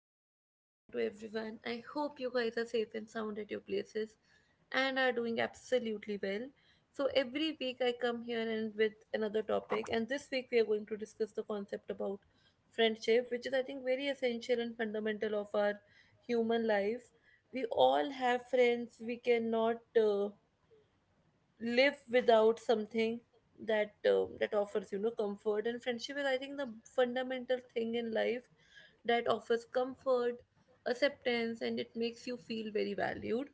warm good morning to everyone. I hope you guys are safe and sound at your places and are doing absolutely well. So, every week I come here and with another topic, and this week we are going to discuss the concept about friendship, which is, I think, very essential and fundamental of our human life. We all have friends. We cannot live without something that that offers comfort. And friendship is, I think, the fundamental thing in life that offers comfort, acceptance, and it makes you feel very valued.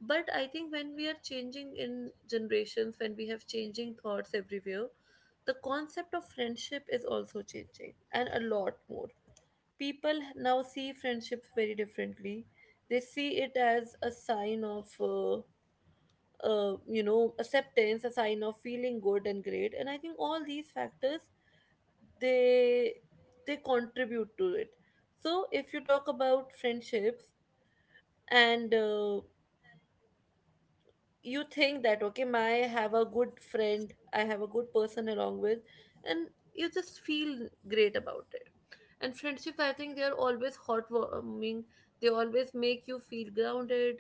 But I think when we are changing in generations, when we have changing thoughts everywhere, the concept of friendship is also changing, and a lot more people now see friendships very differently. They see it as a sign of acceptance, a sign of feeling good and great, and I think all these factors, they they contribute to it. So if you talk about friendships and you think that, okay, my I have a good friend, I have a good person along with, and you just feel great about it. And friendships, I think they are always heartwarming. They always make you feel grounded,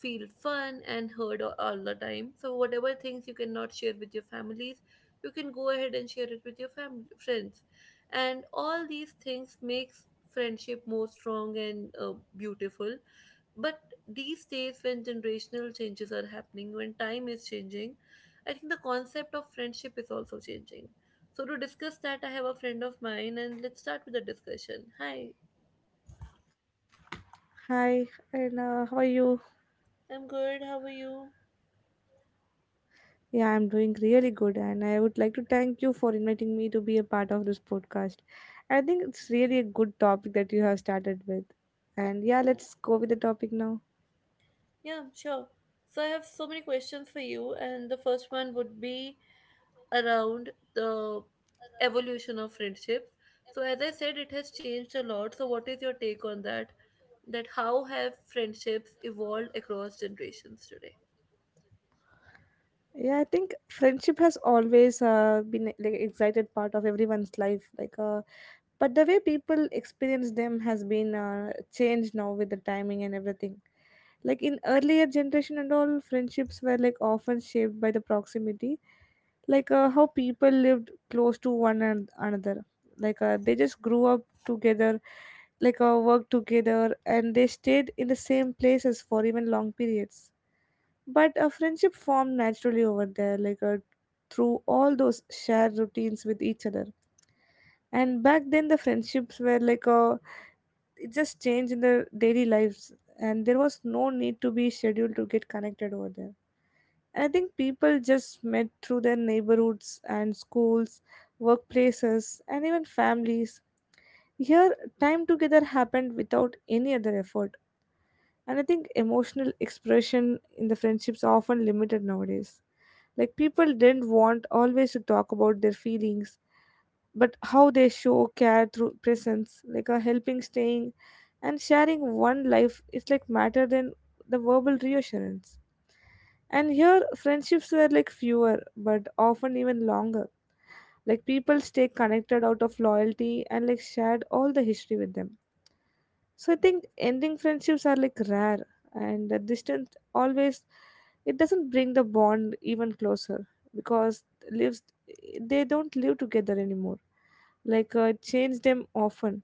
feel fun, and heard all the time. So whatever things you cannot share with your families, you can go ahead and share it with your family friends, and all these things makes friendship more strong and beautiful. But these days, when generational changes are happening, when time is changing, I think the concept of friendship is also changing. So to discuss that, I have a friend of mine, and let's start with the discussion. Hi. Hi, and how are you? I'm good, how are you? Yeah, I'm doing really good, and I would like to thank you for inviting me to be a part of this podcast. I think it's really a good topic that you have started with. And yeah, Yeah, let's go with the topic now. yeah, sure. So I have so many questions for you, and the first one would be around the evolution of friendships. So as I said, it has changed a lot. So what is your take on that, that how have friendships evolved across generations today? Yeah, I think friendship has always been like excited part of everyone's life. But the way people experience them has been changed now with the timing and everything. Like in earlier generation and all, friendships were like often shaped by the proximity, how people lived close to one and another. They just grew up together, worked together, and they stayed in the same places for even long periods, but a friendship formed naturally over there through all those shared routines with each other. And back then the friendships were like it just changed in their daily lives, and there was no need to be scheduled to get connected over there. And I think people just met through their neighborhoods and schools, workplaces and even families. Here time together happened without any other effort. And I think emotional expression in the friendships are often limited nowadays. Like people didn't want always to talk about their feelings, but how they show care through presence, like a helping, staying, and sharing one life is like matter than the verbal reassurance. And here friendships were like fewer, but often even longer. Like people stay connected out of loyalty and like shared all the history with them, so I think ending friendships are like rare and the distance always, it doesn't bring the bond even closer because lives, they don't live together anymore. Change them often.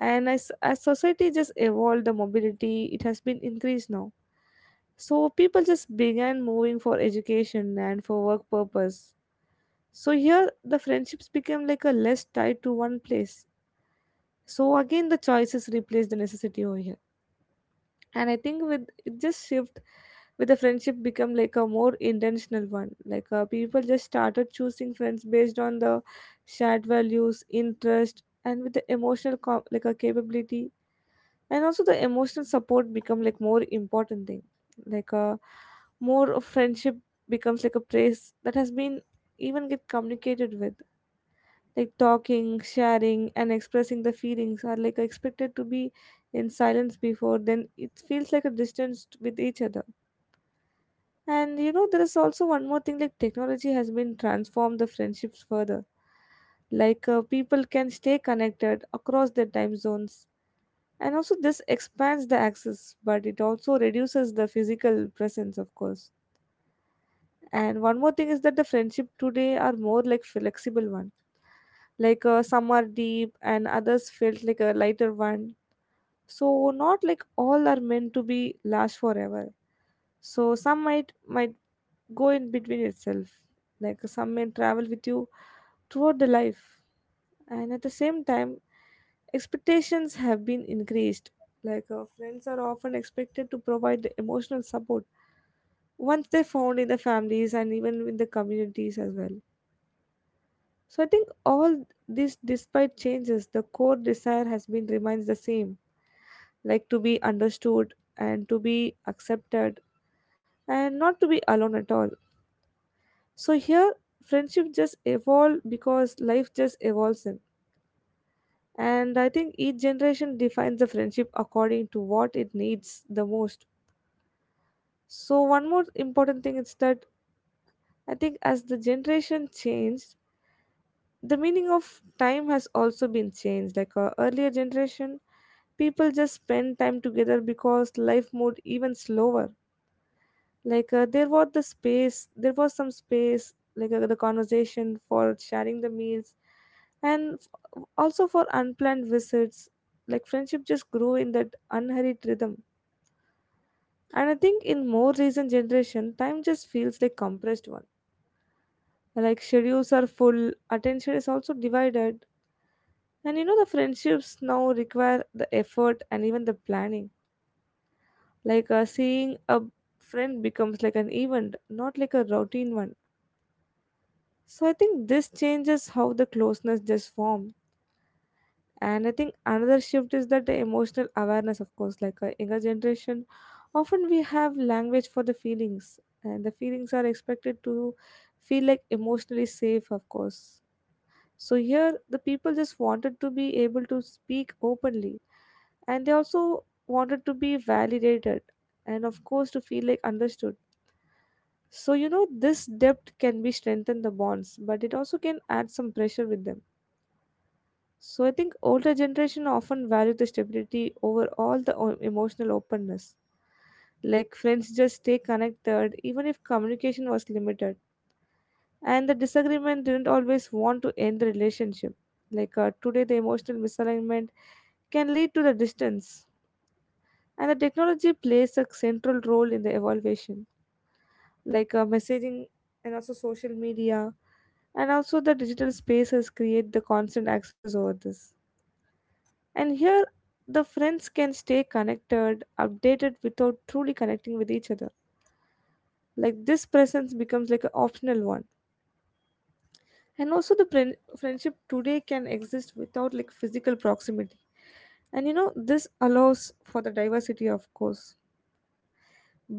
And as society just evolved the mobility, it has been increased now. So people just began moving for education and for work purpose. So here the friendships became like a less tied to one place. So again the choices replace the necessity over here. And I think with it just shift, with the friendship become like a more intentional one, people just started choosing friends based on the shared values interest and with the emotional like a capability. And also the emotional support become like more important thing, like uh, more of friendship becomes like a place that has been even get communicated with, like talking, sharing, and expressing the feelings are like expected to be in silence before, then it feels like a distance with each other. And you know, there is also one more thing like technology has been transformed the friendships further. People can stay connected across their time zones. And also, this expands the access, but it also reduces the physical presence, of course. And one more thing is that the friendship today are more like flexible one, some are deep and others felt like a lighter one, so not like all are meant to be last forever. So some might go in between itself, like some may travel with you throughout the life. And at the same time expectations have been increased, friends are often expected to provide the emotional support once they're found in the families and even in the communities as well. So I think all this despite changes, the core desire has been remains the same, like to be understood and to be accepted and not to be alone at all. So here friendship just evolve because life just evolves in. And I think each generation defines the friendship according to what it needs the most. So one more important thing is that I think as the generation changed, the meaning of time has also been changed. Like a earlier generation, people just spend time together because life moved even slower. There was the space, there was some space, the conversation for sharing the meals, and also for unplanned visits. Like friendship just grew in that unhurried rhythm. And I think in more recent generation, time just feels like compressed one. Like schedules are full, attention is also divided, and you know the friendships now require the effort and even the planning, seeing a friend becomes like an event, not like a routine one. So I think this changes how the closeness just formed. And I think another shift is that the emotional awareness, of course, like a younger generation often we have language for the feelings and the feelings are expected to feel like emotionally safe, of course. So here the people just wanted to be able to speak openly, and they also wanted to be validated, and of course to feel like understood. So, you know, this depth can be strengthen the bonds, but it also can add some pressure with them. So, I think older generation often value the stability over all the emotional openness. Like friends just stay connected even if communication was limited, and the disagreement didn't always want to end the relationship. Today, the emotional misalignment can lead to the distance, and the technology plays a central role in the evaluation. Messaging and also social media and also the digital spaces create the constant access over this. And here the friends can stay connected updated without truly connecting with each other. Like this presence becomes like an optional one. And also the friendship today can exist without like physical proximity. And you know this allows for the diversity, of course.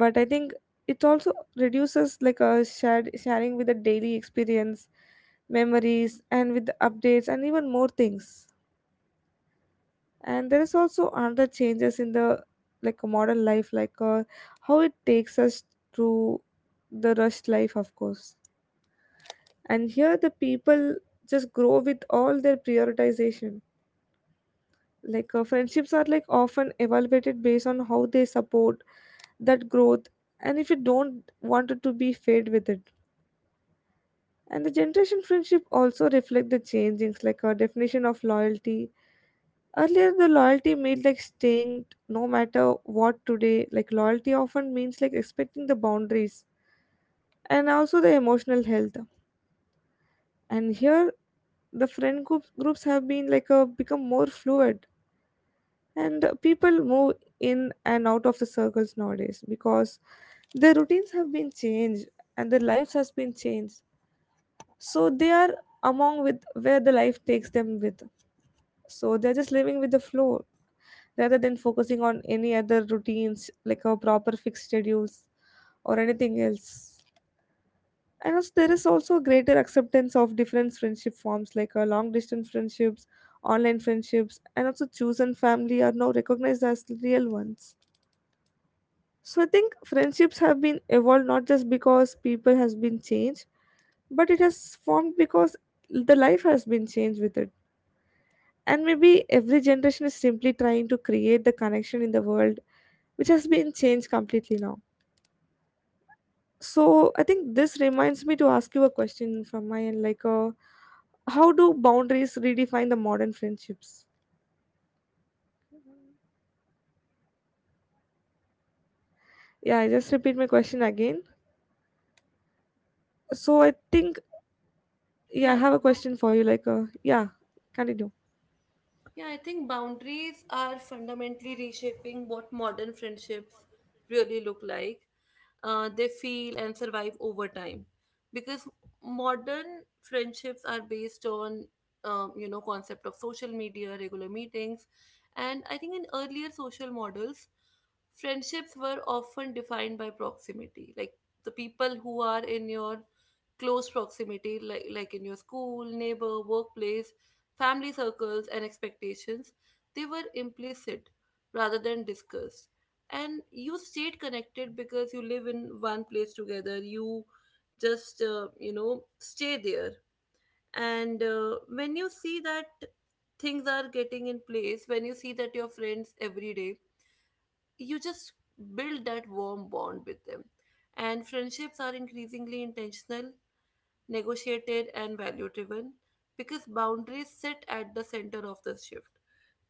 But I think it also reduces like a shared sharing with the daily experience, memories and with the updates and even more things. And there is also another changes in the like a modern life, how it takes us through the rushed life, of course. And here the people just grow with all their prioritization, friendships are like often evaluated based on how they support that growth, and if you don't want it to be fade with it. And the generation friendship also reflect the changings like our definition of loyalty. Earlier the loyalty meant like staying no matter what today. Like loyalty often means like expecting the boundaries and also the emotional health. And here the friend groups have been like a become more fluid, and people move in and out of the circles nowadays because their routines have been changed and their lives has been changed, so they are among with where the life takes them with. So they're just living with the flow rather than focusing on any other routines like a proper fixed schedules or anything else. And also, there is also greater acceptance of different friendship forms, long distance friendships, online friendships, and also chosen family are now recognized as real ones. So I think friendships have been evolved not just because people has been changed, but it has formed because the life has been changed with it. And maybe every generation is simply trying to create the connection in the world, which has been changed completely now. So I think this reminds me to ask you a question from my end, like, how do boundaries redefine the modern friendships? Yeah, I just repeat my question again. So I think yeah, I Yeah. have a question for you. Like, yeah, continue. Yeah, I think boundaries are fundamentally reshaping what modern friendships really look like. They feel and survive over time because modern friendships are based on concept of social media, regular meetings. And I think in earlier social models, friendships were often defined by proximity, like the people who are in your close proximity, like, in your school, neighbor, workplace, family circles, and expectations, they were implicit rather than discussed. And you stayed connected because you live in one place together. You just, stay there. And when you see that things are getting in place, when you see that your friends every day, you just build that warm bond with them. And friendships are increasingly intentional, negotiated, and value driven because boundaries sit at the center of the shift,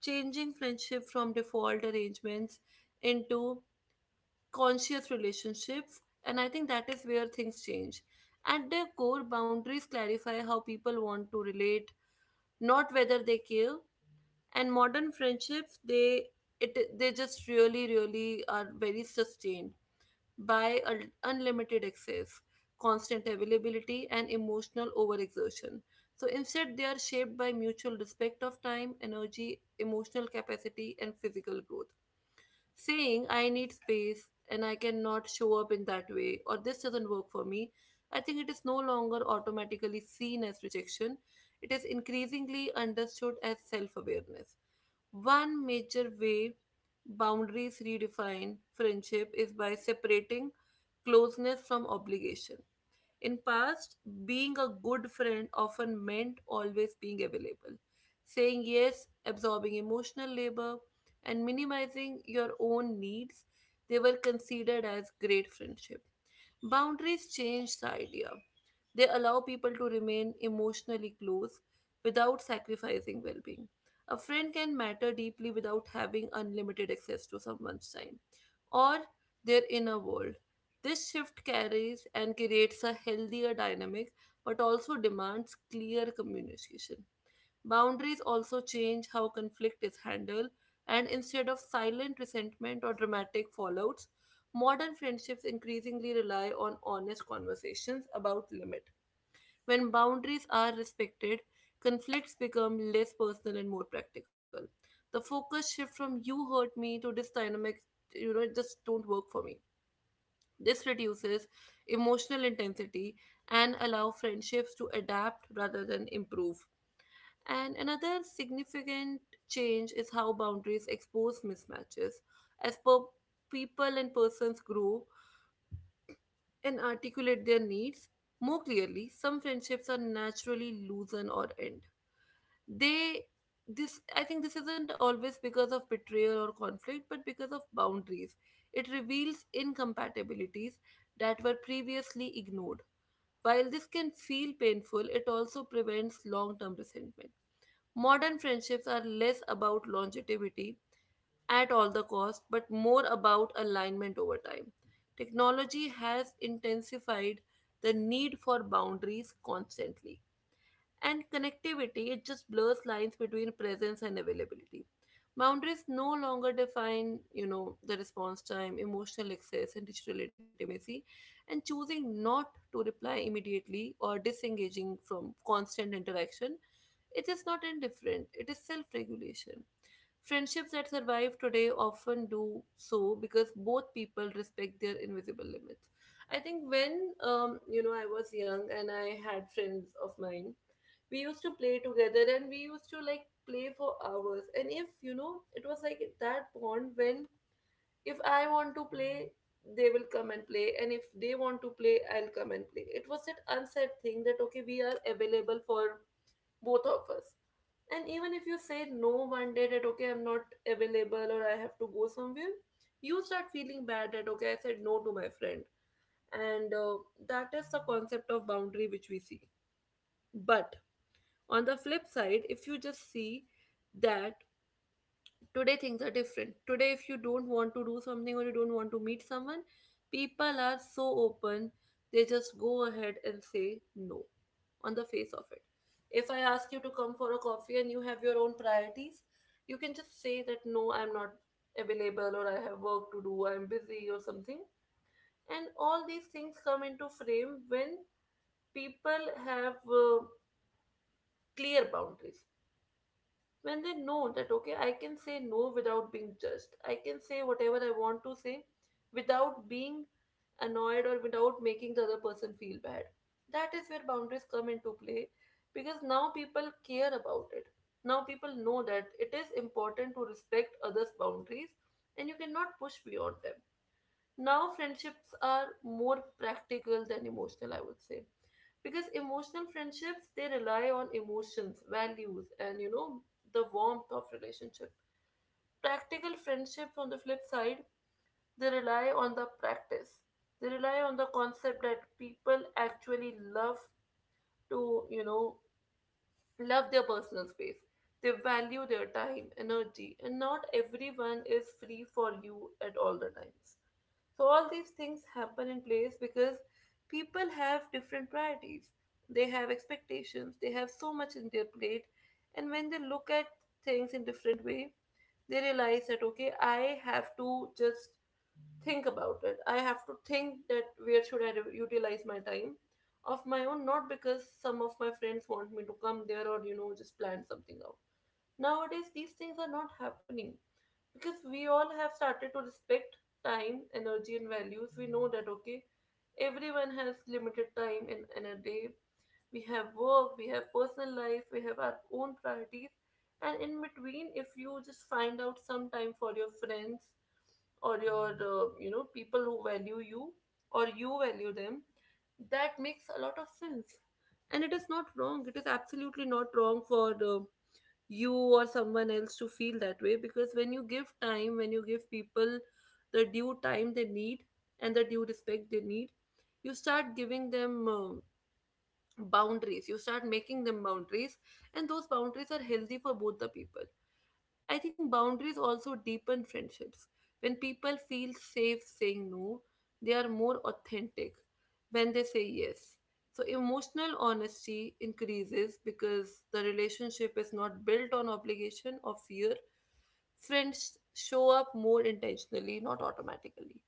changing friendship from default arrangements into conscious relationships. And I think that is where things change. At their core, boundaries clarify how people want to relate, not whether they care. And modern friendships, they it they just really are very sustained by unlimited access, constant availability, and emotional overexertion. So instead, they are shaped by mutual respect of time, energy, emotional capacity, and physical growth. Saying I need space and I cannot show up in that way, or this doesn't work for me, I think it is no longer automatically seen as rejection. It is increasingly understood as self awareness. One major way boundaries redefine friendship is by separating closeness from obligation. In past, being a good friend often meant always being available, saying yes, absorbing emotional labor, and minimizing your own needs. They were considered as great friendship. Boundaries change the idea. They allow people to remain emotionally close without sacrificing well being. A friend can matter deeply without having unlimited access to someone's time or their inner world. This shift carries and creates a healthier dynamic but also demands clear communication. Boundaries also change how conflict is handled, and instead of silent resentment or dramatic fallouts, modern friendships increasingly rely on honest conversations about limit. When boundaries are respected, conflicts become less personal and more practical. The focus shift from you hurt me to this dynamic, you know, it just don't work for me. This reduces emotional intensity and allow friendships to adapt rather than improve. And another significant change is how boundaries expose mismatches. As per people and persons grow and articulate their needs more clearly, some friendships are naturally loosen or end. They this, I think, this isn't always because of betrayal or conflict, but because of boundaries. It reveals incompatibilities that were previously ignored. While this can feel painful, it also prevents long term resentment. Modern friendships are less about longevity at all the cost, but more about alignment over time. Technology has intensified the need for boundaries constantly, and connectivity, it just blurs lines between presence and availability. Boundaries no longer define, you know, the response time, emotional access, and digital intimacy. And choosing not to reply immediately or disengaging from constant interaction, it is not indifferent, it is self regulation. Friendships that survive today often do so because both people respect their invisible limits. I think when I was young and I had friends of mine, we used to play together and we used to like play for hours. And if you know, it was like that bond when if I want to play, they will come and play, and if they want to play, I'll come and play. It was that unsaid thing that, okay, we are available for both of us. And even if you say no one day that, okay, I'm not available or I have to go somewhere, you start feeling bad that, okay, I said no to my friend. And that is the concept of boundary which we see. But on the flip side, if you just see that today things are different, today if you don't want to do something or you don't want to meet someone, people are so open, they just go ahead and say no on the face of it. If I ask you to come for a coffee and you have your own priorities, you can just say that no, I'm not available, or I have work to do, I'm busy or something. And all these things come into frame when people have clear boundaries. When they know that, okay, I can say no without being judged, I can say whatever I want to say without being annoyed or without making the other person feel bad, that is where boundaries come into play. Because now people care about it, now people know that it is important to respect others boundaries, and you cannot push beyond them. Now, friendships are more practical than emotional, I would say. Because emotional friendships, they rely on emotions, values, and you know, the warmth of relationship. Practical friendships, on the flip side, they rely on the practice. They rely on the concept that people actually love to, you know, love their personal space. They value their time, energy, and not everyone is free for you at all the times. So all these things happen in place because people have different priorities. They have expectations. They have so much in their plate, and when they look at things in different way, they realize that, okay, I have to just think about it. I have to think that where should I utilize my time of my own, not because some of my friends want me to come there, or you know just plan something out. Nowadays, these things are not happening because we all have started to respect time, energy, and values. We know that, okay, everyone has limited time in a day. We have work, we have personal life, we have our own priorities. And in between, if you just find out some time for your friends, or your, you know, people who value you or you value them, that makes a lot of sense. And it is not wrong. It is absolutely not wrong for the you or someone else to feel that way because when you give time, when you give people the due time they need and the due respect they need, you start giving them boundaries, you start making them boundaries, and those boundaries are healthy for both the people. I think boundaries also deepen friendships. When people feel safe saying no, they are more authentic when they say yes. So emotional honesty increases because the relationship is not built on obligation or fear. Friends show up more intentionally, not automatically.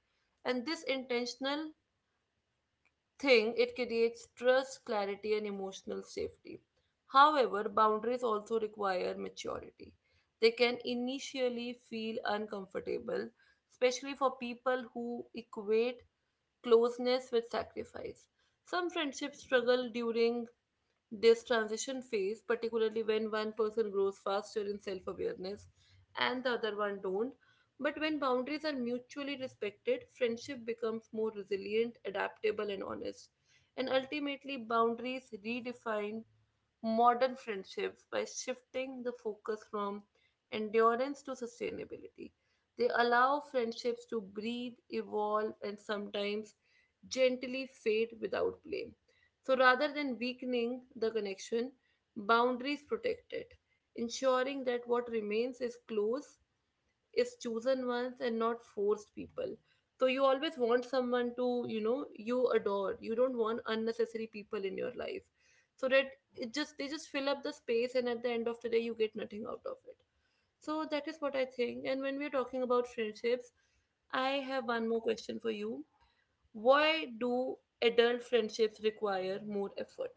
And this intentional thing, it creates trust, clarity, and emotional safety. However, boundaries also require maturity. They can initially feel uncomfortable, especially for people who equate closeness with sacrifice. Some friendships struggle during this transition phase, particularly when one person grows faster in self awareness and the other one don't. But when boundaries are mutually respected, friendship becomes more resilient, adaptable, and honest. And ultimately, boundaries redefine modern friendships by shifting the focus from endurance to sustainability. They allow friendships to breathe, evolve, and sometimes gently fade without blame. So rather than weakening the connection, boundaries protect it, ensuring that what remains is close, is chosen ones, and not forced people. So you always want someone to, you know, you adore. You don't want unnecessary people in your life. So that it just they just fill up the space, and at the end of the day you get nothing out of it. So that is what I think. And when we're talking about friendships, I have one more question for you. Why do adult friendships require more effort?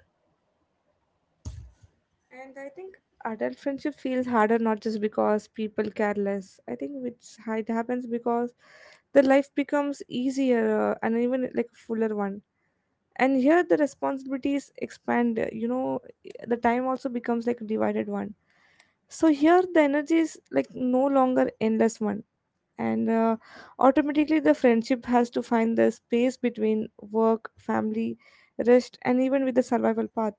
And I think adult friendship feels harder not just because people care less. I think it happens because the life becomes easier and even like a fuller one. And here the responsibilities expand, you know, the time also becomes like a divided one. So here the energy is like no longer endless one. And automatically the friendship has to find the space between work, family, rest, and even with the survival path.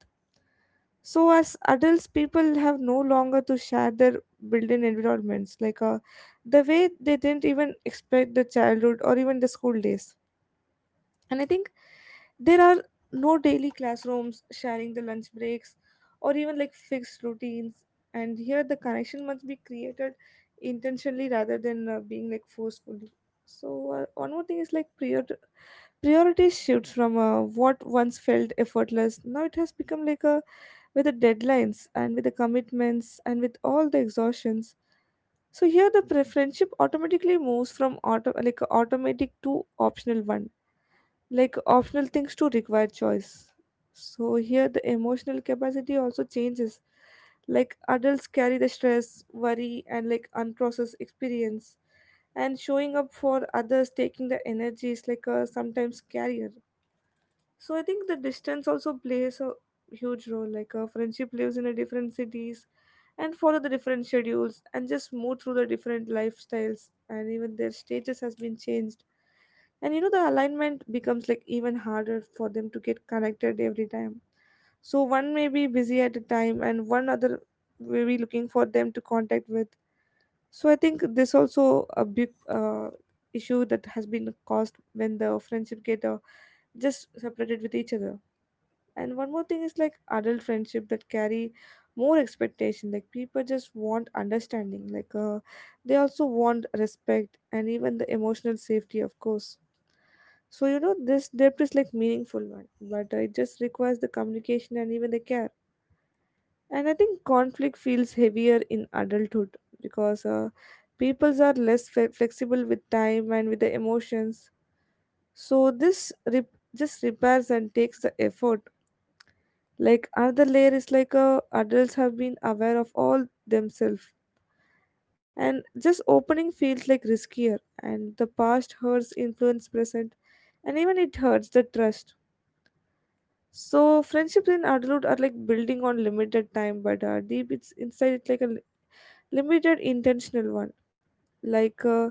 So as adults, people have no longer to share their built-in environments, the way they didn't even expect the childhood or even the school days. And I think there are no daily classrooms sharing the lunch breaks or even like fixed routines. And here the connection must be created intentionally rather than being like forcefully. So one more thing is like priority shifts from what once felt effortless. Now it has become like a with the deadlines and with the commitments and with all the exhaustions. So here the friendship automatically moves from auto like automatic to optional one, like optional things to require choice. So here the emotional capacity also changes. Like adults carry the stress, worry, and like unprocessed experience, and showing up for others taking the energy is like a sometimes carrier. So I think the distance also plays a huge role. Like a friendship lives in a different cities and follow the different schedules and just move through the different lifestyles and even their status has been changed, and you know the alignment becomes like even harder for them to get connected every time. So one may be busy at a time and one other may be looking for them to contact with. So I think this also a big issue that has been caused when the friendship get just separated with each other. And one more thing is like adult friendship that carry more expectation, like people just want understanding, like they also want respect and even the emotional safety, of course. So you know this depth is like meaningful one, but it just requires the communication and even the care. And I think conflict feels heavier in adulthood because peoples are less flexible with time and with the emotions. So this just repairs and takes the effort. Like another layer is like adults have been aware of all themselves, and just opening feels like riskier. And the past hurts influence present, and even it hurts the trust. So friendships in adulthood are like building on limited time, but deep it's inside it's like a limited intentional one, like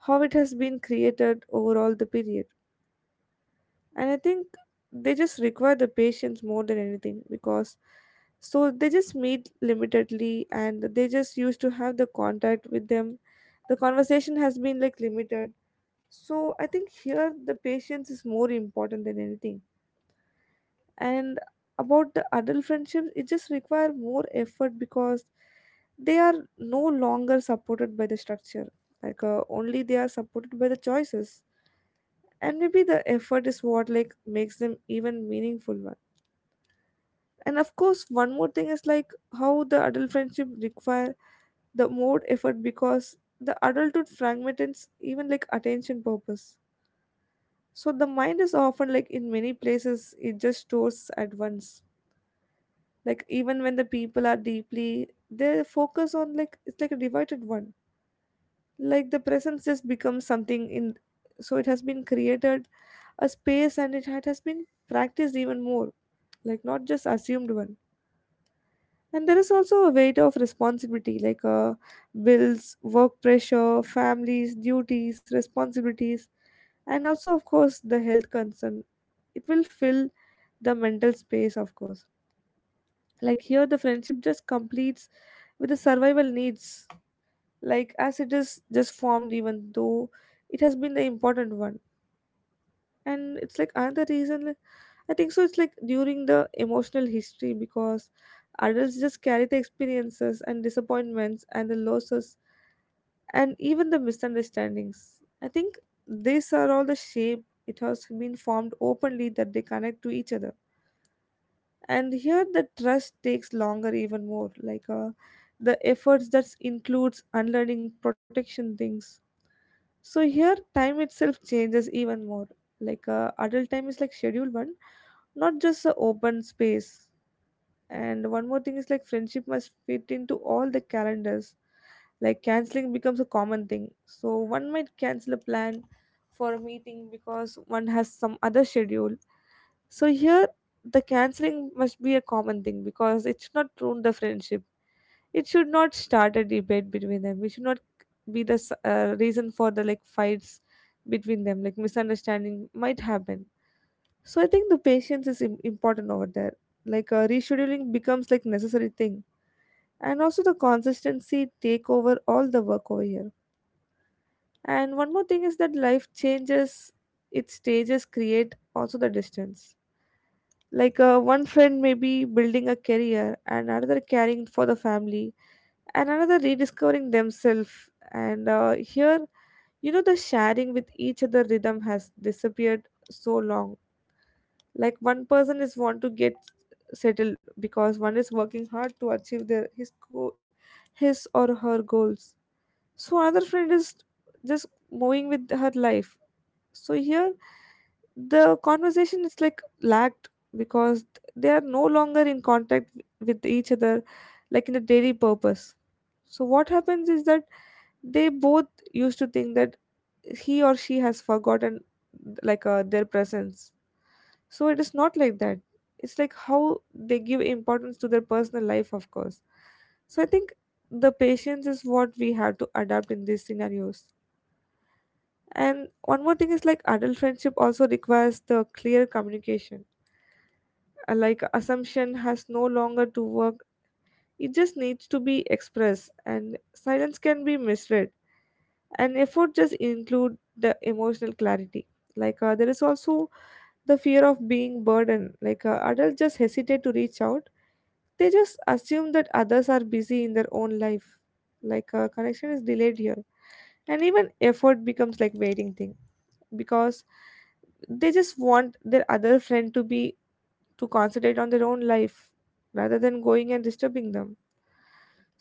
how it has been created over all the period. And I think they just require the patience more than anything, because so they just meet limitedly and they just used to have the contact with them. The conversation has been like limited. So I think here the patience is more important than anything. And about the adult friendships, it just require more effort because they are no longer supported by the structure. Like only they are supported by the choices, and maybe the effort is what like makes them even meaningful one. And of course one more thing is like how the adult friendship require the more effort, because the adulthood fragments even like attention purpose. So the mind is often like in many places, it just stores at once. Like even when the people are deeply, they focus on like it's like a divided one. Like the presence just becomes something in. So it has been created a space, and it has been practiced even more, like not just assumed one. And there is also a weight of responsibility, like bills, work pressure, families, duties, responsibilities, and also of course the health concern. It will fill the mental space, of course. Like here the friendship just completes with the survival needs, like as it is just formed even though it has been the important one. And it's like another reason, I think. So it's like during the emotional history, because adults just carry the experiences and disappointments and the losses and even the misunderstandings. I think these are all the shape it has been formed openly that they connect to each other. And here the trust takes longer even more, like the efforts that includes unlearning protection things. So here time itself changes even more. Like adult time is like schedule one, not just a open space. And one more thing is like friendship must fit into all the calendars. Like canceling becomes a common thing. So one might cancel a plan for a meeting because one has some other schedule. So here the canceling must be a common thing because it should not ruin the friendship. It should not start a debate between them. It should not be the reason for the like fights between them. Like misunderstanding might happen. So I think the patience is important over there. Like rescheduling becomes like necessary thing, and also the consistency take over all the work over here. And one more thing is that life changes, its stages create also the distance. Like one friend may be building a career, and another caring for the family, and another rediscovering themselves. And here, you know, the sharing with each other rhythm has disappeared so long. Like one person is want to get settled because one is working hard to achieve their his or her goals. So another friend is just moving with her life. So here the conversation is like lagged because they are no longer in contact with each other, like in a daily purpose. So what happens is that they both used to think that he or she has forgotten, like their presence. So it is not like that. It's like how they give importance to their personal life, of course. So I think the patience is what we have to adapt in these scenarios. And one more thing is like adult friendship also requires the clear communication. Like assumption has no longer to work. It just needs to be expressed, and silence can be misread. And effort just include the emotional clarity. Like there is also the fear of being burdened. Like adults just hesitate to reach out. They just assume that others are busy in their own life. Like a connection is delayed here. And even effort becomes like waiting thing because they just want their other friend to be to concentrate on their own life rather than going and disturbing them.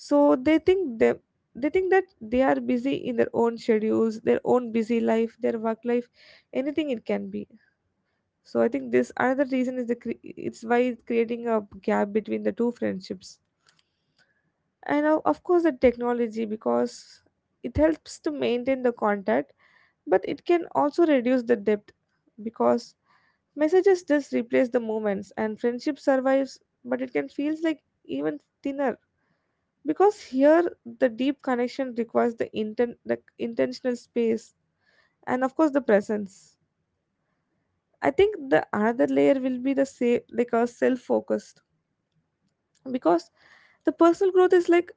So they think they think that they are busy in their own schedules, their own busy life, their work life, anything it can be. So I think this another reason is the it's why it's creating a gap between the two friendships. And of course the technology, because it helps to maintain the contact, but it can also reduce the depth, because messages just replace the moments, and friendship survives but it can feels like even thinner, because here the deep connection requires the intentional space, and of course the presence. I think the another layer will be the say like a self focused, because the personal growth is like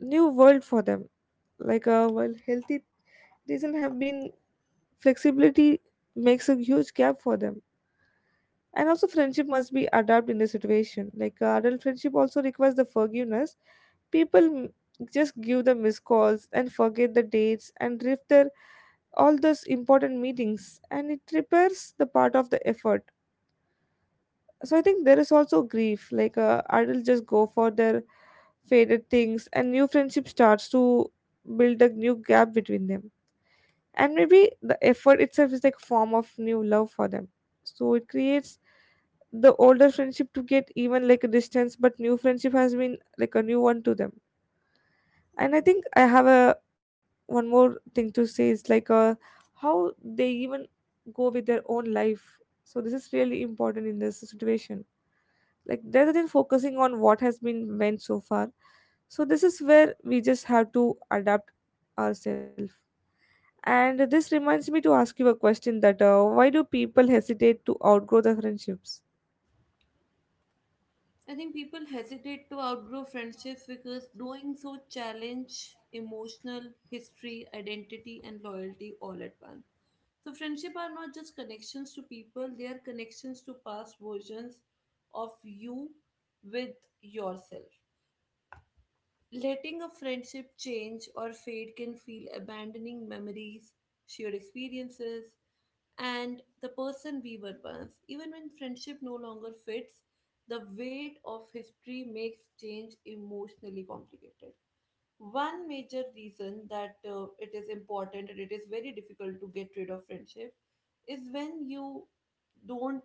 new world for them, like a well healthy reason have been flexibility makes a huge gap for them. And also friendship must be adapt in the situation, like adult friendship also requires the forgiveness. People just give the missed calls and forget the dates and drift their all those important meetings, and it repairs the part of the effort. So I think there is also grief, like adults just go for their faded things, and new friendship starts to build a new gap between them. And maybe the effort itself is like form of new love for them. So it creates the older friendship to get even like a distance, but new friendship has been like a new one to them. And I think I have a one more thing to say is like how they even go with their own life. So this is really important in this situation, like rather than focusing on what has been went so far. So this is where we just have to adapt ourselves. And this reminds me to ask you a question that why do people hesitate to outgrow the friendships? I think people hesitate to outgrow friendships because doing so challenge emotional history, identity, and loyalty all at once. So friendship are not just connections to people, they are connections to past versions of you with yourself. Letting a friendship change or fade can feel abandoning memories, shared experiences, and the person we were once. Even when friendship no longer fits, the weight of history makes change emotionally complicated. One major reason that it is important and it is very difficult to get rid of friendship is when you don't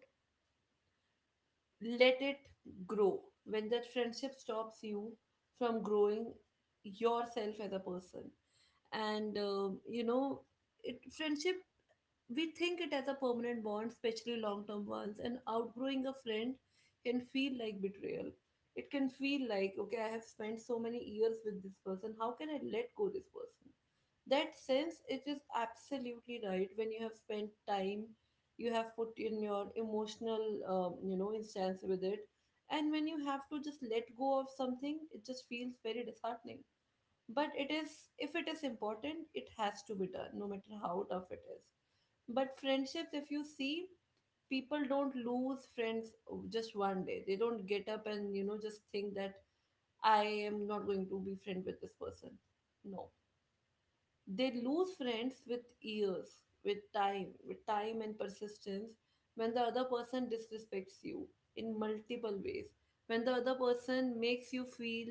let it grow. When that friendship stops you from growing yourself as a person, and it friendship, we think it as a permanent bond, especially long term ones, and outgrowing a friend can feel like betrayal. It can feel like, okay, I have spent so many years with this person, how can I let go this person? That sense, it is absolutely right. When you have spent time, you have put in your emotional, instance with it, and when you have to just let go of something, it just feels very disheartening. But it is, if it is important, it has to be done no matter how tough it is. But friendships, if you see, people don't lose friends just one day. They don't get up and just think that I am not going to be friend with this person. No, they lose friends with years, with time, with time and persistence. When the other person disrespects you in multiple ways, when the other person makes you feel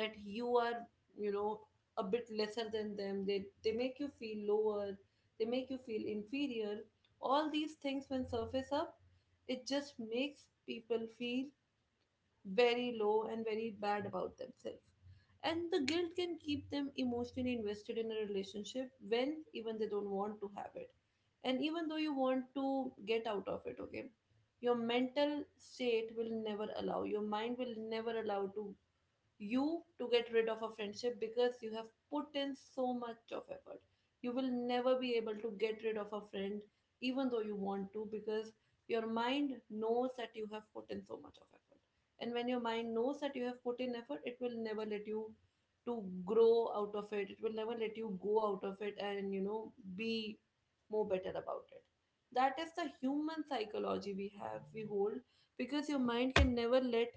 that you are, you know a bit lesser than them, they make you feel lower, they make you feel inferior, all these things when surface up, it just makes people feel very low and very bad about themselves. And the guilt can keep them emotionally invested in a relationship when even they don't want to have it. And even though you want to get out of it, okay, your mental state will never allow, your mind will never allow to you to get rid of a friendship because you have put in so much of effort. You will never be able to get rid of a friend even though you want to, because your mind knows that you have put in so much of effort. And when your mind knows that you have put in effort, it will never let you to grow out of it. It will never let you go out of it and be more better about it. That is the human psychology we have, we hold, because your mind can never let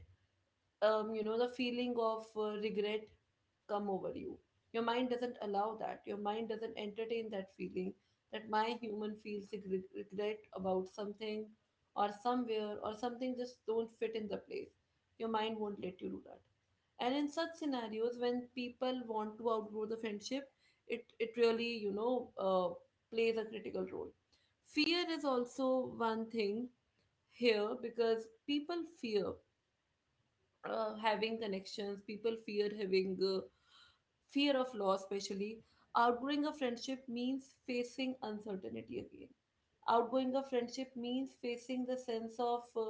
the feeling of regret come over you. Your mind doesn't allow that. Your mind doesn't entertain that feeling that my human feels regret about something or somewhere or something just don't fit in the place. Your mind won't let you do that. And in such scenarios, when people want to outgrow the friendship, it really, plays a critical role. Fear is also one thing here, because people fear having connections, people fear having fear of loss, especially. Outgrowing a friendship means facing uncertainty again. Outgoing of friendship means facing the sense of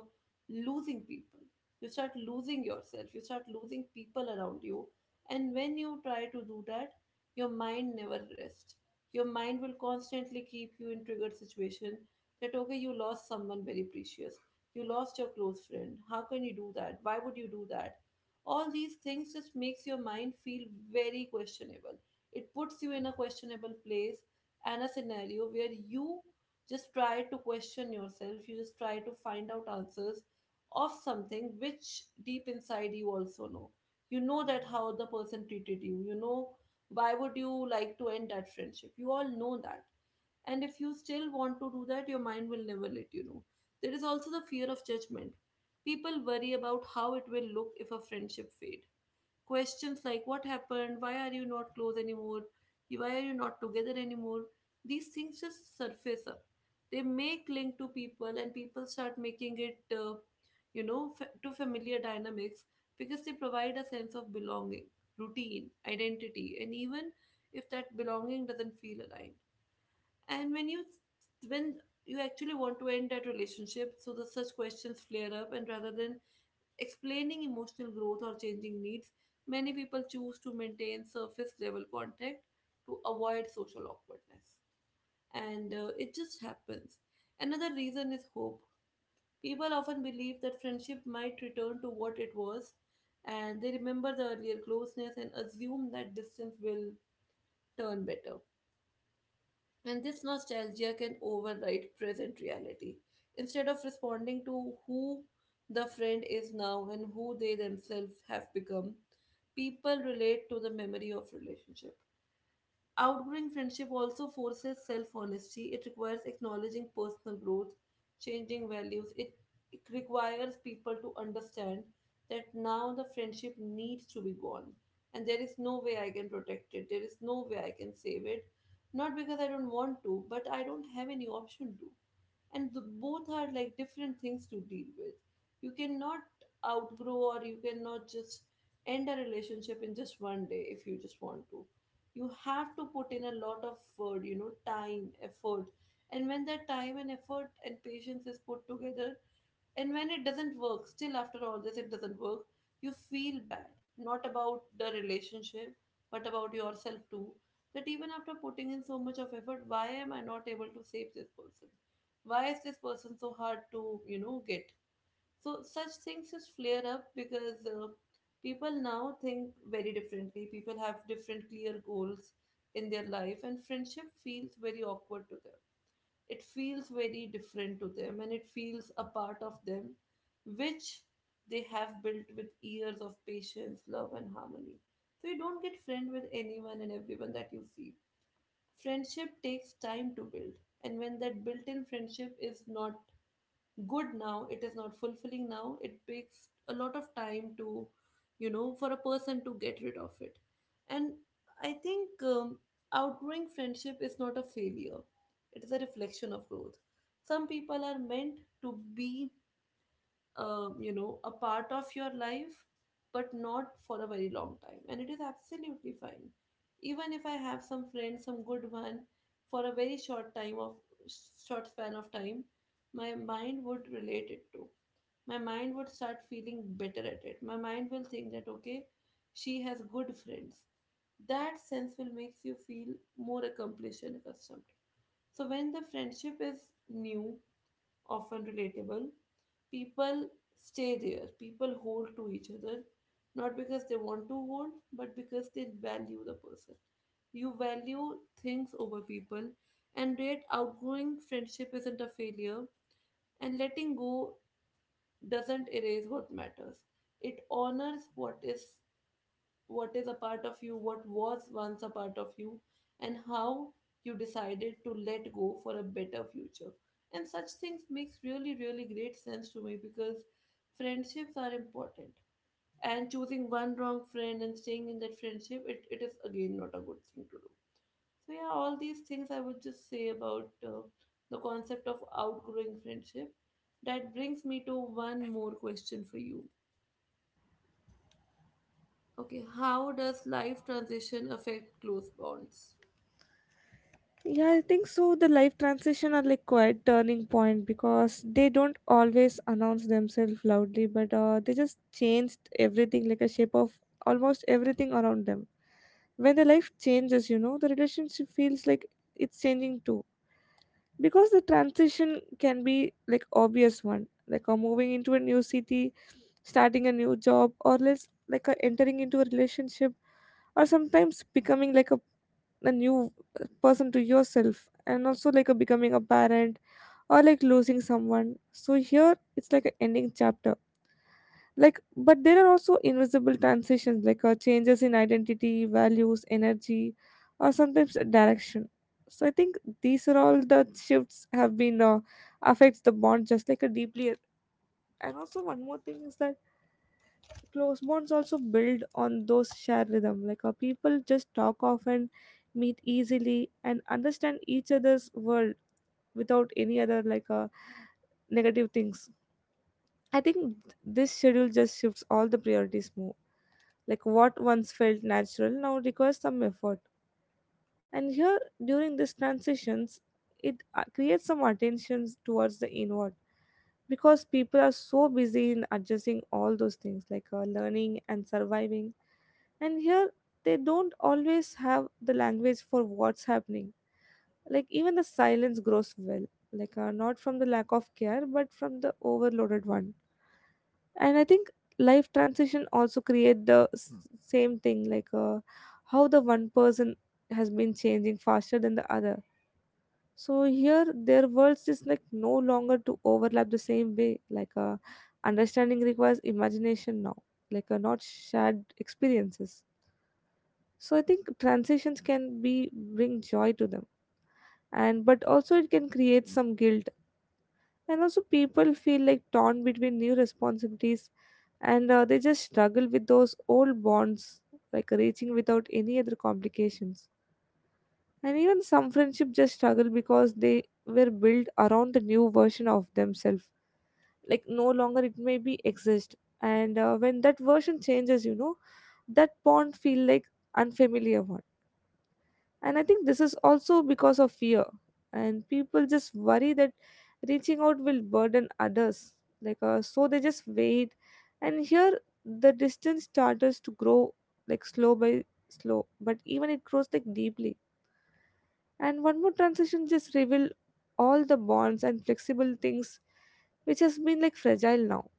losing people. You start losing yourself, you start losing people around you, and when you try to do that, your mind never rests. Your mind will constantly keep you in triggered situation that okay, you lost someone very precious, you lost your close friend, how can you do that, why would you do that. All these things just makes your mind feel very questionable. It puts you in a questionable place and a scenario where you just try to question yourself, you just try to find out answers of something which deep inside you also know. You know that how the person treated you, you know why would you like to end that friendship, you all know that. And if you still want to do that, your mind will never let you know. There is also the fear of judgment. People worry about how it will look if a friendship fade. Questions like what happened, why are you not close anymore, why are you not together anymore, these things just surface up. They make link to people, and people start making it, to familiar dynamics, because they provide a sense of belonging, routine, identity, and even if that belonging doesn't feel aligned. And when you, when you actually want to end that relationship, so the such questions flare up, and rather than explaining emotional growth or changing needs, many people choose to maintain surface level contact to avoid social awkwardness. And it just happens. Another reason is hope. People often believe that friendship might return to what it was, and they remember the earlier closeness and assume that distance will turn better. And this nostalgia can override present reality. Instead of responding to who the friend is now and who they themselves have become, people relate to the memory of relationship. Outgrowing friendship also forces self honesty. It requires acknowledging personal growth, changing values. It requires people to understand that now the friendship needs to be gone. And there is no way I can protect it. There is no way I can save it. Not because I don't want to, but I don't have any option to, and the, both are like different things to deal with. You cannot outgrow or you cannot just end a relationship in just one day if you just want to. You have to put in a lot of time effort, and when that time and effort and patience is put together, and when it doesn't work, still after all this, it doesn't work, you feel bad, not about the relationship, but about yourself too. That even after putting in so much of effort, why am I not able to save this person? Why is this person so hard to, get? So such things just flare up, because people now think very differently. People have different clear goals in their life, and friendship feels very awkward to them, it feels very different to them, and it feels a part of them which they have built with years of patience, love, and harmony. So you don't get friend with anyone and everyone that you see. Friendship takes time to build, and when that built in friendship is not good now, it is not fulfilling now, it takes a lot of time to, for a person to get rid of it. And I think outgrowing friendship is not a failure, it is a reflection of growth. Some people are meant to be a part of your life, but not for a very long time, and it is absolutely fine. Even if I have some friends, some good one, for a very short time of short span of time, my mind would relate it to, my mind would start feeling better at it, my mind will think that okay, she has good friends. That sense will makes you feel more accomplished and accustomed. So when the friendship is new, often relatable. People stay there, people hold to each other, not because they want to hold, but because they value the person. You value things over people, and yet outgoing friendship isn't a failure, and letting go doesn't erase what matters. It honors what is, what is a part of you, what was once a part of you, and how you decided to let go for a better future. And such things makes really, really great sense to me, because friendships are important. And choosing one wrong friend and staying in that friendship, it is again not a good thing to do. So yeah, all these things I would just say about the concept of outgrowing friendship. That brings me to one more question for you. Okay, how does life transition affect close bonds? Yeah, I think so. The life transition are like quite turning point, because they don't always announce themselves loudly, but they just changed everything like a shape of almost everything around them. When the life changes, you know, the relationship feels like it's changing too. Because the transition can be like obvious one, like moving into a new city, starting a new job, or less like a entering into a relationship, or sometimes becoming like a new person to yourself, and also like a becoming a parent, or like losing someone. So here it's like an ending chapter. Like but there are also invisible transitions, like changes in identity, values, energy, or sometimes a direction. So I think these are all the shifts have been affects the bond just like a deeply. And also one more thing is that close bonds also build on those shared rhythm, like people just talk often, meet easily, and understand each other's world without any other like negative things. I think this schedule just shifts all the priorities more, like what once felt natural now requires some effort. And here during these transitions, it creates some attentions towards the inward, because people are so busy in adjusting all those things, like learning and surviving. And here they don't always have the language for what's happening, like even the silence grows well, like not from the lack of care but from the overloaded one. And I think life transition also create the Mm, Same thing, like, how the one person has been changing faster than the other. So here their worlds is like no longer to overlap the same way, like, understanding requires imagination now, like, not shared experiences. So I think transitions can be bring joy to them, and but also it can create some guilt, and also people feel like torn between new responsibilities, and they just struggle with those old bonds, like reaching without any other complications. And even some friendship just struggle because they were built around the new version of themselves, like no longer it may be exist. And when that version changes that bond feel like unfamiliar one. And I think this is also because of fear. And people just worry that reaching out will burden others. So they just wait. And here, the distance starts to grow like slow by slow, but even it grows like deeply. And one more transition just reveal all the bonds and flexible things which has been like fragile now.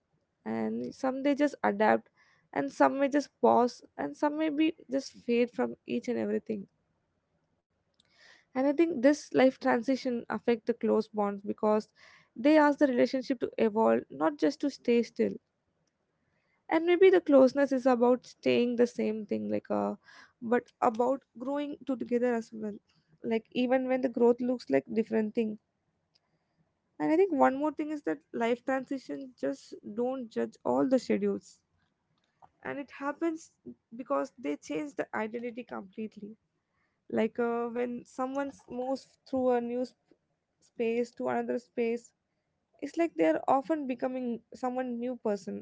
And some they just adapt, and some may just pause, and some may be just fade from each and everything. And I think this life transition affect the close bonds because they ask the relationship to evolve not just to stay still. And maybe the closeness is about staying the same thing, like, but about growing to together as well, like even when the growth looks like different thing. And I think one more thing is that life transition just don't judge all the schedules, and it happens because they change the identity completely. Like, when someone moves through a new space to another space, it's like they're often becoming someone new person.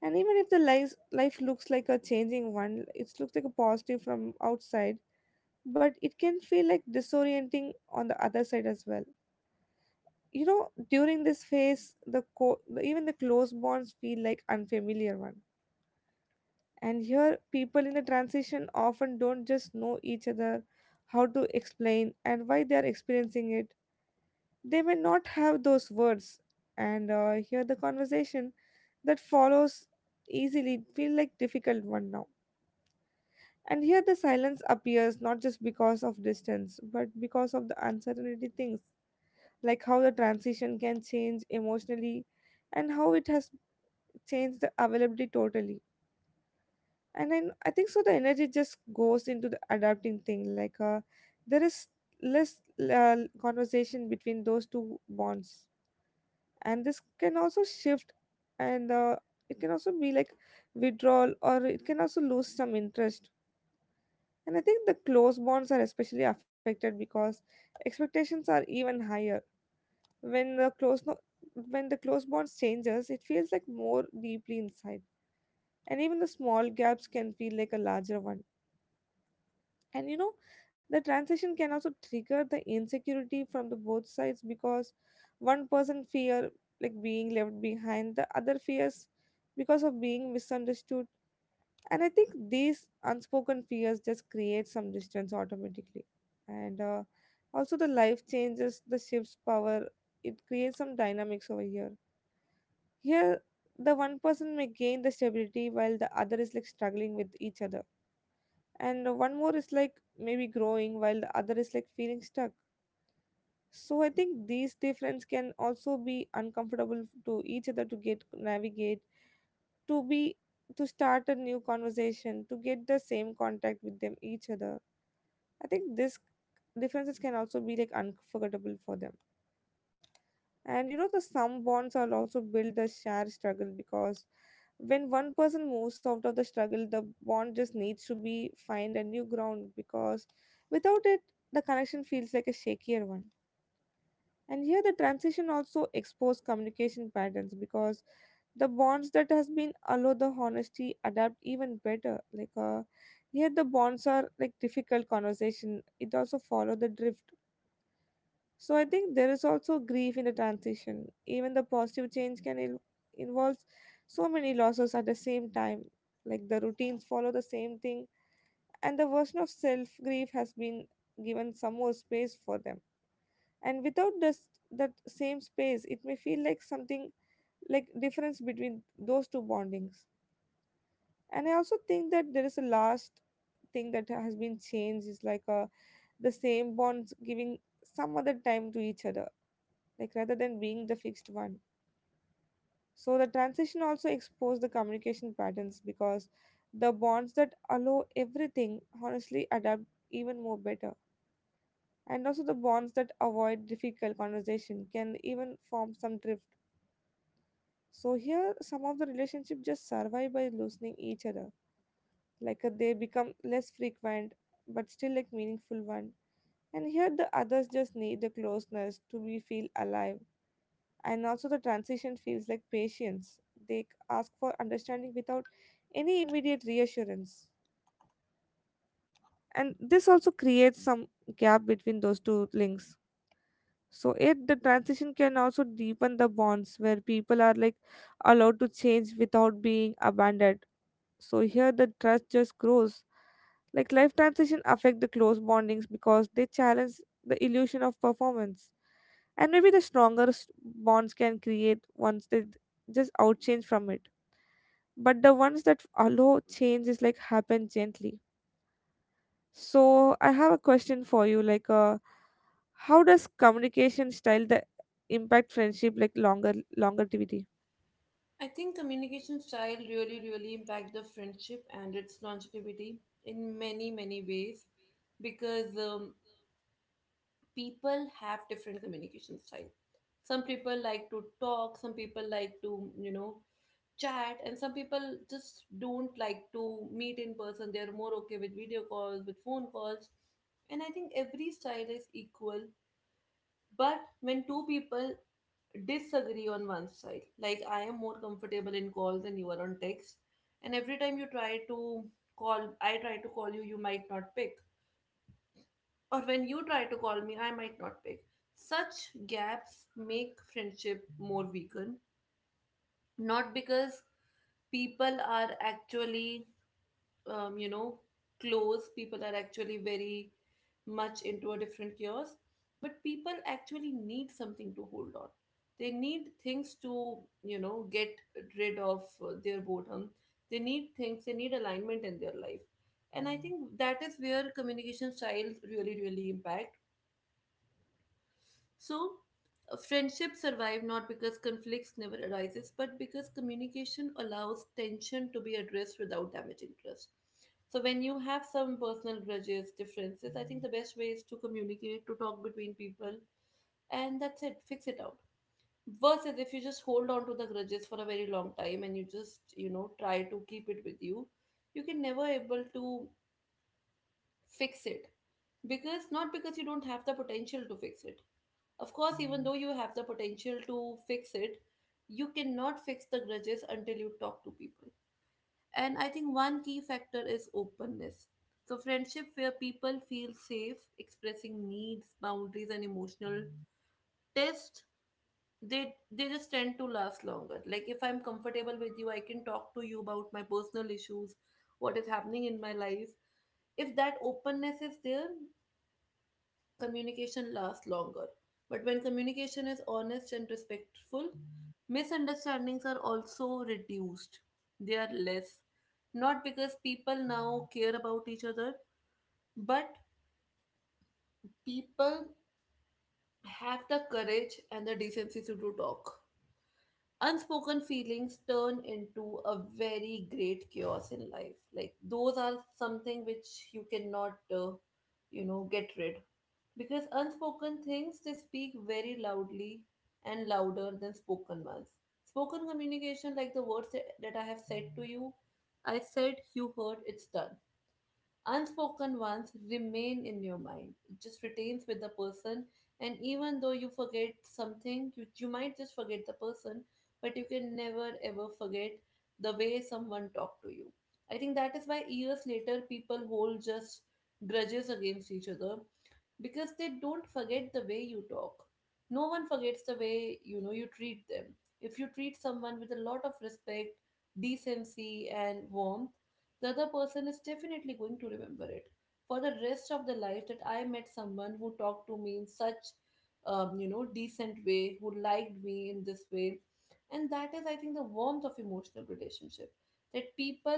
And even if the life looks like a changing one, it looks like a positive from outside, but it can feel like disorienting on the other side as well. During this phase, the even the close bonds feel like unfamiliar one. And here people in the transition often don't just know each other how to explain and why they are experiencing it. They may not have those words, and hear the conversation that follows easily feel like difficult one now. And here the silence appears not just because of distance, but because of the uncertainty things, like how the transition can change emotionally and how it has changed the availability totally. And I think so the energy just goes into the adapting thing, like, there is less uh, conversation between those two bonds. And this can also shift, and it can also be like withdrawal, or it can also lose some interest. And I think the close bonds are especially affected because expectations are even higher when the close bonds changes, it feels like more deeply inside, and even the small gaps can feel like a larger one. And, the transition can also trigger the insecurity from the both sides because one person fear like being left behind, the other fears because of being misunderstood. And I think these unspoken fears just create some distance automatically. And also the life changes the shifts power, it creates some dynamics over here. Here the one person may gain the stability while the other is like struggling with each other, and one more is like maybe growing while the other is like feeling stuck. So I think these difference can also be uncomfortable to each other to get navigate, to be, to start a new conversation to get the same contact with them each other. I think this differences can also be like unforgettable for them. And the some bonds are also built the shared struggle because when one person moves out of the struggle, the bond just needs to be find a new ground because without it, the connection feels like a shakier one. And here the transition also expose communication patterns because the bonds that has been allow the honesty adapt even better. Like, here the bonds are like difficult conversation, it also follow the drift. So I think there is also grief in the transition. Even the positive change can involve so many losses at the same time. Like the routines follow the same thing, and the version of self grief has been given some more space for them. And without this that same space, it may feel like something like difference between those two bondings. And I also think that there is a last thing that has been changed is like, the same bonds giving some other time to each other, like rather than being the fixed one. So the transition also exposed the communication patterns because the bonds that allow everything honestly adapt even more better. And also the bonds that avoid difficult conversation can even form some drift. So here some of the relationship just survive by loosening each other. Like, they become less frequent but still like meaningful one. And here the others just need the closeness to be feel alive, and also the transition feels like patience, they ask for understanding without any immediate reassurance, and this also creates some gap between those two links. So it the transition can also deepen the bonds where people are like allowed to change without being abandoned, so here the trust just grows. Like life transition affect the close bondings because they challenge the illusion of performance. And maybe the stronger bonds can create once they just outchange from it. But the ones that allow change is like happen gently. So I have a question for you, like, how does communication style the impact friendship like longer longevity? I think communication style really, really impact the friendship and its longevity in many, many ways because people have different communication style. Some people like to talk, some people like to, you know, chat, and some people just don't like to meet in person. They're more okay with video calls, with phone calls. And I think every style is equal. But when two people disagree on one side. Like I am more comfortable in calls than you are on text. And every time you try to call, I try to call you, you might not pick. Or when you try to call me, I might not pick. Such gaps make friendship more weakened. Not because people are actually you know, close, people are actually very much into a different chaos. But people actually need something to hold on. They need things to, you know, get rid of their boredom. They need things, they need alignment in their life. And I think that is where communication styles really, really impact. So, friendships survive not because conflicts never arises, but because communication allows tension to be addressed without damaging trust. So, when you have some personal grudges, differences, I think the best way is to communicate, to talk between people, and that's it. Fix it out. Versus if you just hold on to the grudges for a very long time and you just you know try to keep it with you, you can never able to fix it because not because you don't have the potential to fix it of course, even though you have the potential to fix it, you cannot fix the grudges until you talk to people. And I think one key factor is openness. So, friendship where people feel safe expressing needs, boundaries, and emotional test, they just tend to last longer. Like if I'm comfortable with you, I can talk to you about my personal issues, what is happening in my life. If that openness is there, communication lasts longer. But when communication is honest and respectful, misunderstandings are also reduced. They are less. Not because people now care about each other, but people have the courage and the decency to do talk. Unspoken feelings turn into a very great chaos in life. Like, those are something which you cannot, you know, get rid because unspoken things they speak very loudly and louder than spoken ones spoken communication like the words that I have said to you I said you heard it's done. Unspoken ones remain in your mind. It just retains with the person, and even though you forget something, you might just forget the person, but you can never ever forget the way someone talked to you. I think that is why years later people hold just grudges against each other because they don't forget the way you talk. No one forgets the way you know you treat them. If you treat someone with a lot of respect, decency, and warmth, the other person is definitely going to remember it for the rest of their life that I met someone who talked to me in such you know decent way who liked me in this way and that is I think the warmth of emotional relationship that people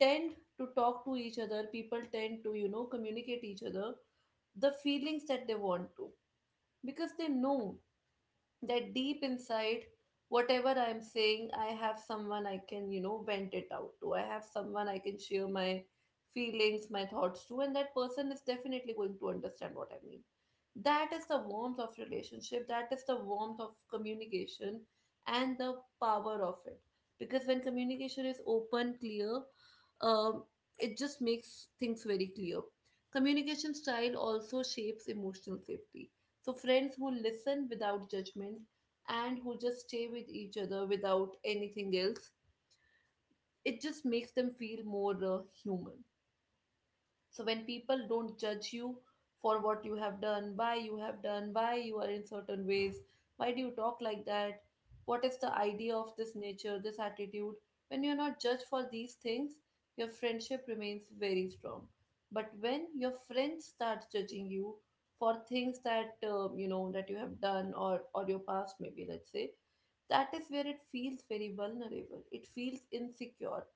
tend to talk to each other people tend to you know communicate each other the feelings that they want to because they know that deep inside whatever I'm saying I have someone I can you know vent it out to I have someone I can share my feelings my thoughts to and that person is definitely going to understand what I mean. That is the warmth of relationship, that is the warmth of communication and the power of it because when communication is open clear um, it just makes things very clear. Communication style also shapes emotional safety, so friends who listen without judgment and who just stay with each other without anything else, it just makes them feel more human. So when people don't judge you for what you have done, why you have done, why you are in certain ways, why do you talk like that? What is the idea of this nature, this attitude? When you're not judged for these things, your friendship remains very strong. But when your friends start judging you for things that you know that you have done or your past, maybe let's say, that is where it feels very vulnerable. It feels insecure.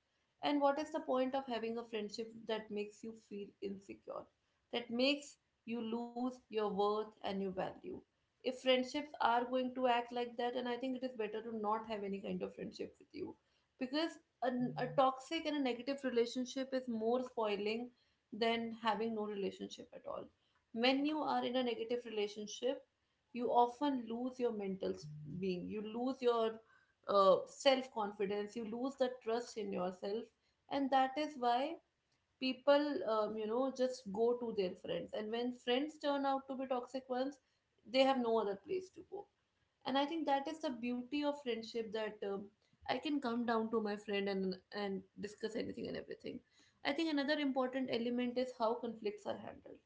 And what is the point of having a friendship that makes you feel insecure, that makes you lose your worth and your value? If friendships are going to act like that, and I think it is better to not have any kind of friendship with you because a, a toxic and a negative relationship is more spoiling than having no relationship at all. When you are in a negative relationship, you often lose your mental being, you lose your self confidence, you lose the trust in yourself and that is why people you know just go to their friends and when friends turn out to be toxic ones they have no other place to go. And I think that is the beauty of friendship that I can come down to my friend and discuss anything and everything. I think another important element is how conflicts are handled.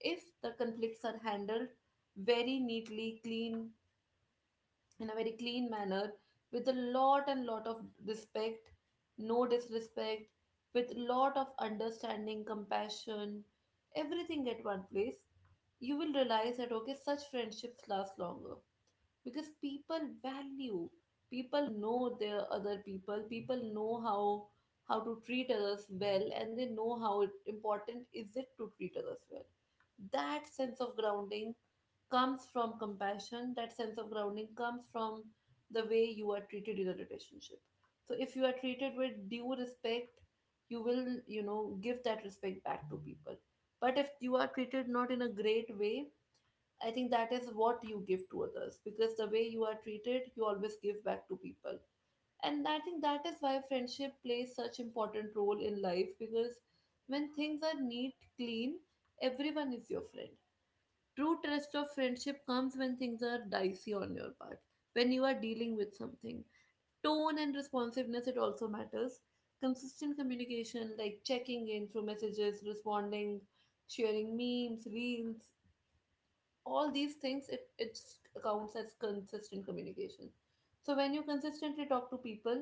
If the conflicts are handled very neatly clean, in a very clean manner, with a lot and lot of respect, no disrespect, with lot of understanding compassion, everything at one place, you will realize that okay such friendships last longer because people value people, know their other people, people know how to treat others well and they know how important is it to treat others well. That sense of grounding comes from compassion, that sense of grounding comes from the way you are treated in a relationship. So if you are treated with due respect you will you know give that respect back to people. But if you are treated not in a great way, I think that is what you give to others because the way you are treated, you always give back to people. And I think that is why friendship plays such important role in life because when things are neat, clean, everyone is your friend. True test of friendship comes when things are dicey on your part, when you are dealing with something. Tone and responsiveness, it also matters. Consistent communication, like checking in through messages, responding, sharing memes, reels, all these things it counts as consistent communication. So when you consistently talk to people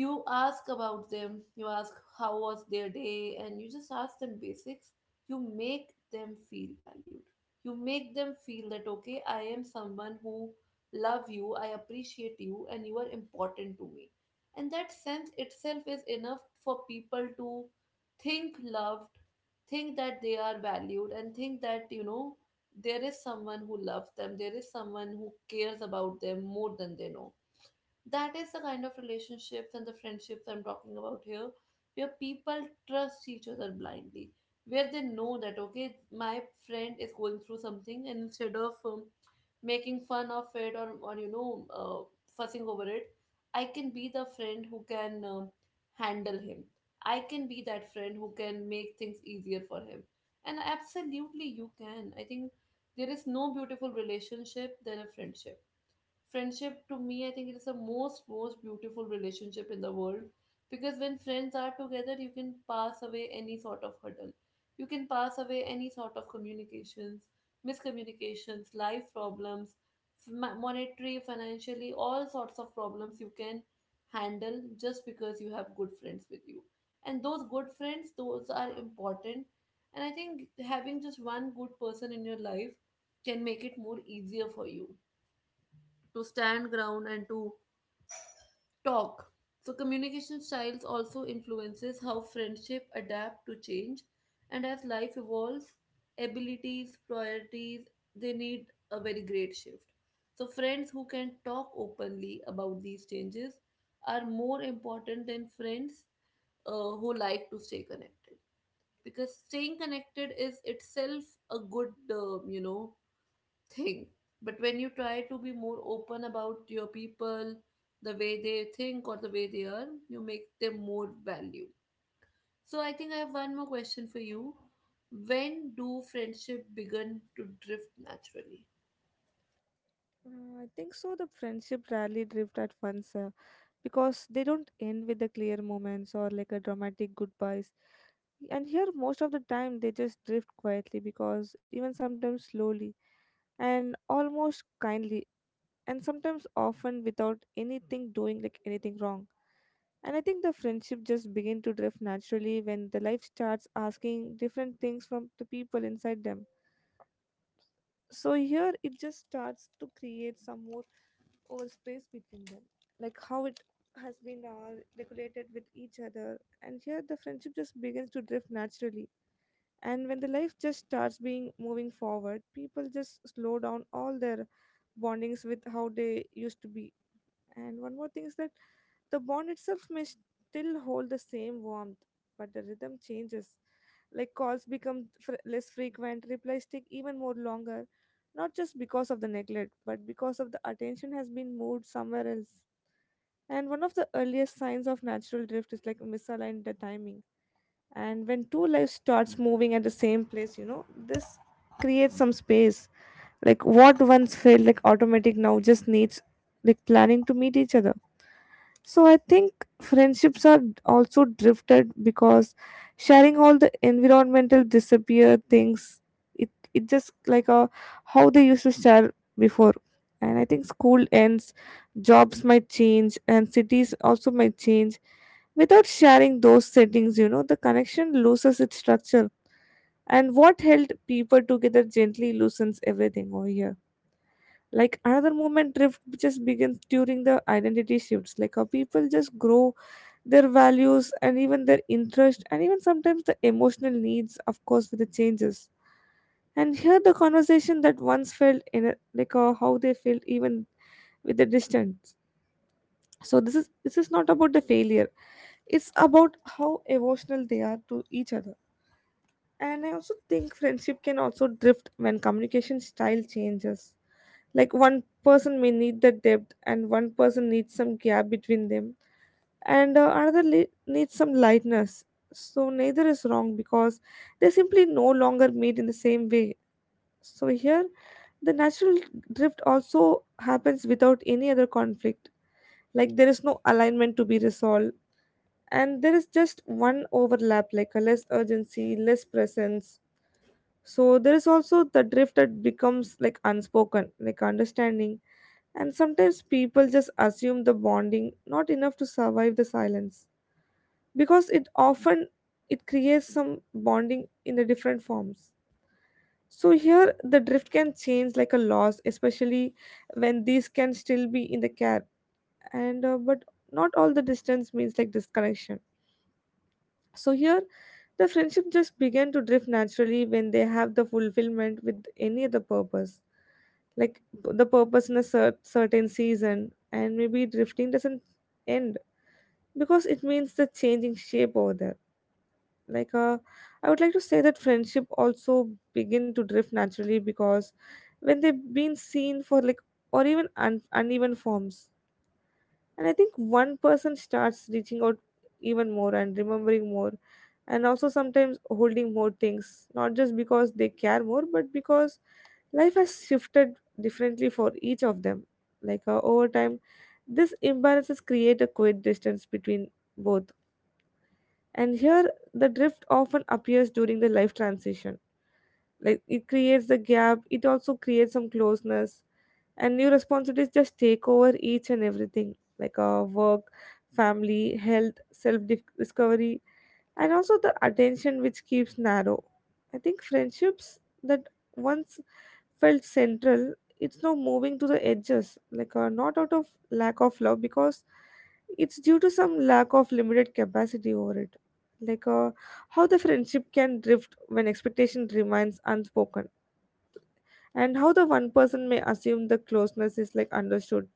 you ask about them, you ask how was their day and you just ask them basics. You make them feel valued, you make them feel that okay I am someone who love you, I appreciate you and you are important to me, and that sense itself is enough for people to think loved, think that they are valued and think that you know there is someone who loves them, there is someone who cares about them more than they know. That is the kind of relationships and the friendships I'm talking about here, where people trust each other blindly, where they know that, okay, my friend is going through something, and instead of making fun of it or you know, fussing over it, I can be the friend who can handle him. I can be that friend who can make things easier for him. And absolutely, you can. I think there is no beautiful relationship than a friendship. Friendship to me, I think it is the most most beautiful relationship in the world because when friends are together you can pass away any sort of hurdle, you can pass away any sort of communications, miscommunications, life problems, monetary financially, all sorts of problems you can handle just because you have good friends with you. And those good friends, those are important. And I think having just one good person in your life can make it more easier for you to stand ground and to talk. So communication styles also influences how friendship adapt to change and as life evolves, abilities, priorities, they need a very great shift. So friends who can talk openly about these changes are more important than friends uh, who like to stay connected because staying connected is itself a good you know thing. But when you try to be more open about your people, the way they think or the way they are, you make them more value. So I think I have one more question for you. When do friendship begin to drift naturally? I think so. The friendship rarely drift at once. Because they don't end with the clear moments or like a dramatic goodbyes. And here, most of the time, they just drift quietly because even sometimes slowly and almost kindly, and sometimes often without anything doing like anything wrong. And I think the friendship just begin to drift naturally when the life starts asking different things from the people inside them. So here it just starts to create some more over space between them, like how it has been regulated with each other. And here the friendship just begins to drift naturally. And when the life just starts being moving forward, people just slow down all their bondings with how they used to be. And one more thing is that the bond itself may still hold the same warmth, but the rhythm changes. Like calls become less frequent, replies take even more longer, not just because of the neglect, but because of the attention has been moved somewhere else. And one of the earliest signs of natural drift is like misaligned the timing. And when two lives starts moving at the same place, this creates some space. Like what once felt like automatic now just needs like planning to meet each other. So I think friendships are also drifted because sharing all the environmental disappear things. It just like a how they used to share before. And I think school ends, jobs might change, and cities also might change. Without sharing those settings, the connection loses its structure. And what held people together gently loosens everything over here. Like another movement drift just begins during the identity shifts. Like how people just grow their values and even their interest and even sometimes the emotional needs of course with the changes. And here the conversation that once felt in a, like, how they felt even with the distance, so this is not about the failure, it's about how emotional they are to each other. And I also think friendship can also drift when communication style changes, like one person may need the depth and one person needs some gap between them, and another needs some lightness. So neither is wrong because they simply no longer meet in the same way. So here, the natural drift also happens without any other conflict. Like there is no alignment to be resolved, and there is just one overlap, like a less urgency, less presence. So there is also the drift that becomes like unspoken, like understanding. And sometimes people just assume the bonding, not enough to survive the silence, because it often it creates some bonding in the different forms. So here the drift can change like a loss especially when these can still be in the care, and but not all the distance means like disconnection. So here the friendship just began to drift naturally when they have the fulfillment with any other purpose, like the purpose in a certain season, and maybe drifting doesn't end because it means the changing shape over there. Like, I would like to say that friendship also begin to drift naturally because when they've been seen for like or even uneven forms. And I think one person starts reaching out even more and remembering more and also sometimes holding more things, not just because they care more but because life has shifted differently for each of them. Like, over time this imbalances create a quiet distance between both. And here, the drift often appears during the life transition. Like it creates the gap, it also creates some closeness, and new responsibilities just take over each and everything, like, work, family, health, self discovery, and also the attention which keeps narrow. I think friendships that once felt central, it's now moving to the edges, like, not out of lack of love, because it's due to some lack of limited capacity over it. Like, how the friendship can drift when expectation remains unspoken, and how the one person may assume the closeness is like understood,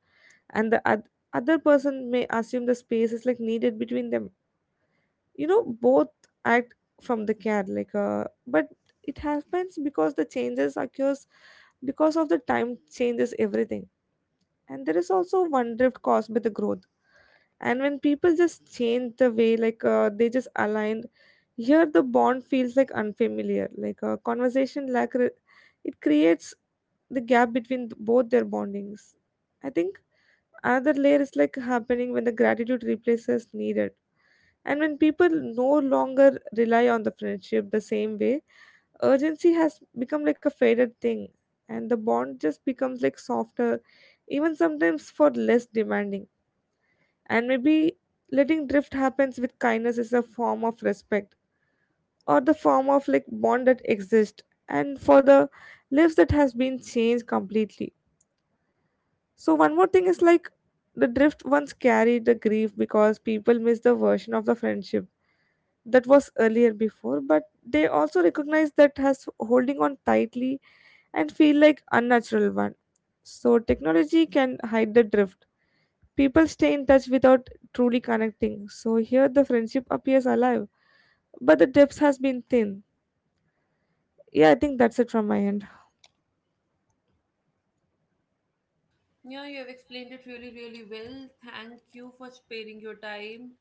and the other person may assume the space is like needed between them. Both act from the care, like, but it happens because the changes occurs because of the time changes everything. And there is also one drift caused by the growth, and when people just change the way, like, they just aligned. Here the bond feels like unfamiliar, like a conversation lack it creates the gap between both their bondings. I think another layer is like happening when the gratitude replaces needed. And when people no longer rely on the friendship the same way, urgency has become like a faded thing, and the bond just becomes like softer, even sometimes for less demanding. And maybe letting drift happens with kindness is a form of respect, or the form of like bond that exists and for the lives that has been changed completely. So one more thing is like the drift once carried the grief because people miss the version of the friendship that was earlier before, but they also recognize that has holding on tightly and feel like unnatural one. So technology can hide the drift, people stay in touch without truly connecting, so here the friendship appears alive but the depth has been thin. Yeah, I think that's it from my end. Yeah, you have explained it really, really well. Thank you for sparing your time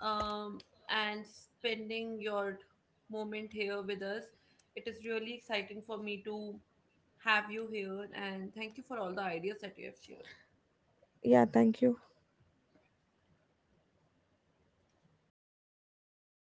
um, and spending your moment here with us. It is really exciting for me to have you here, and thank you for all the ideas that you have shared. Yeah, thank you.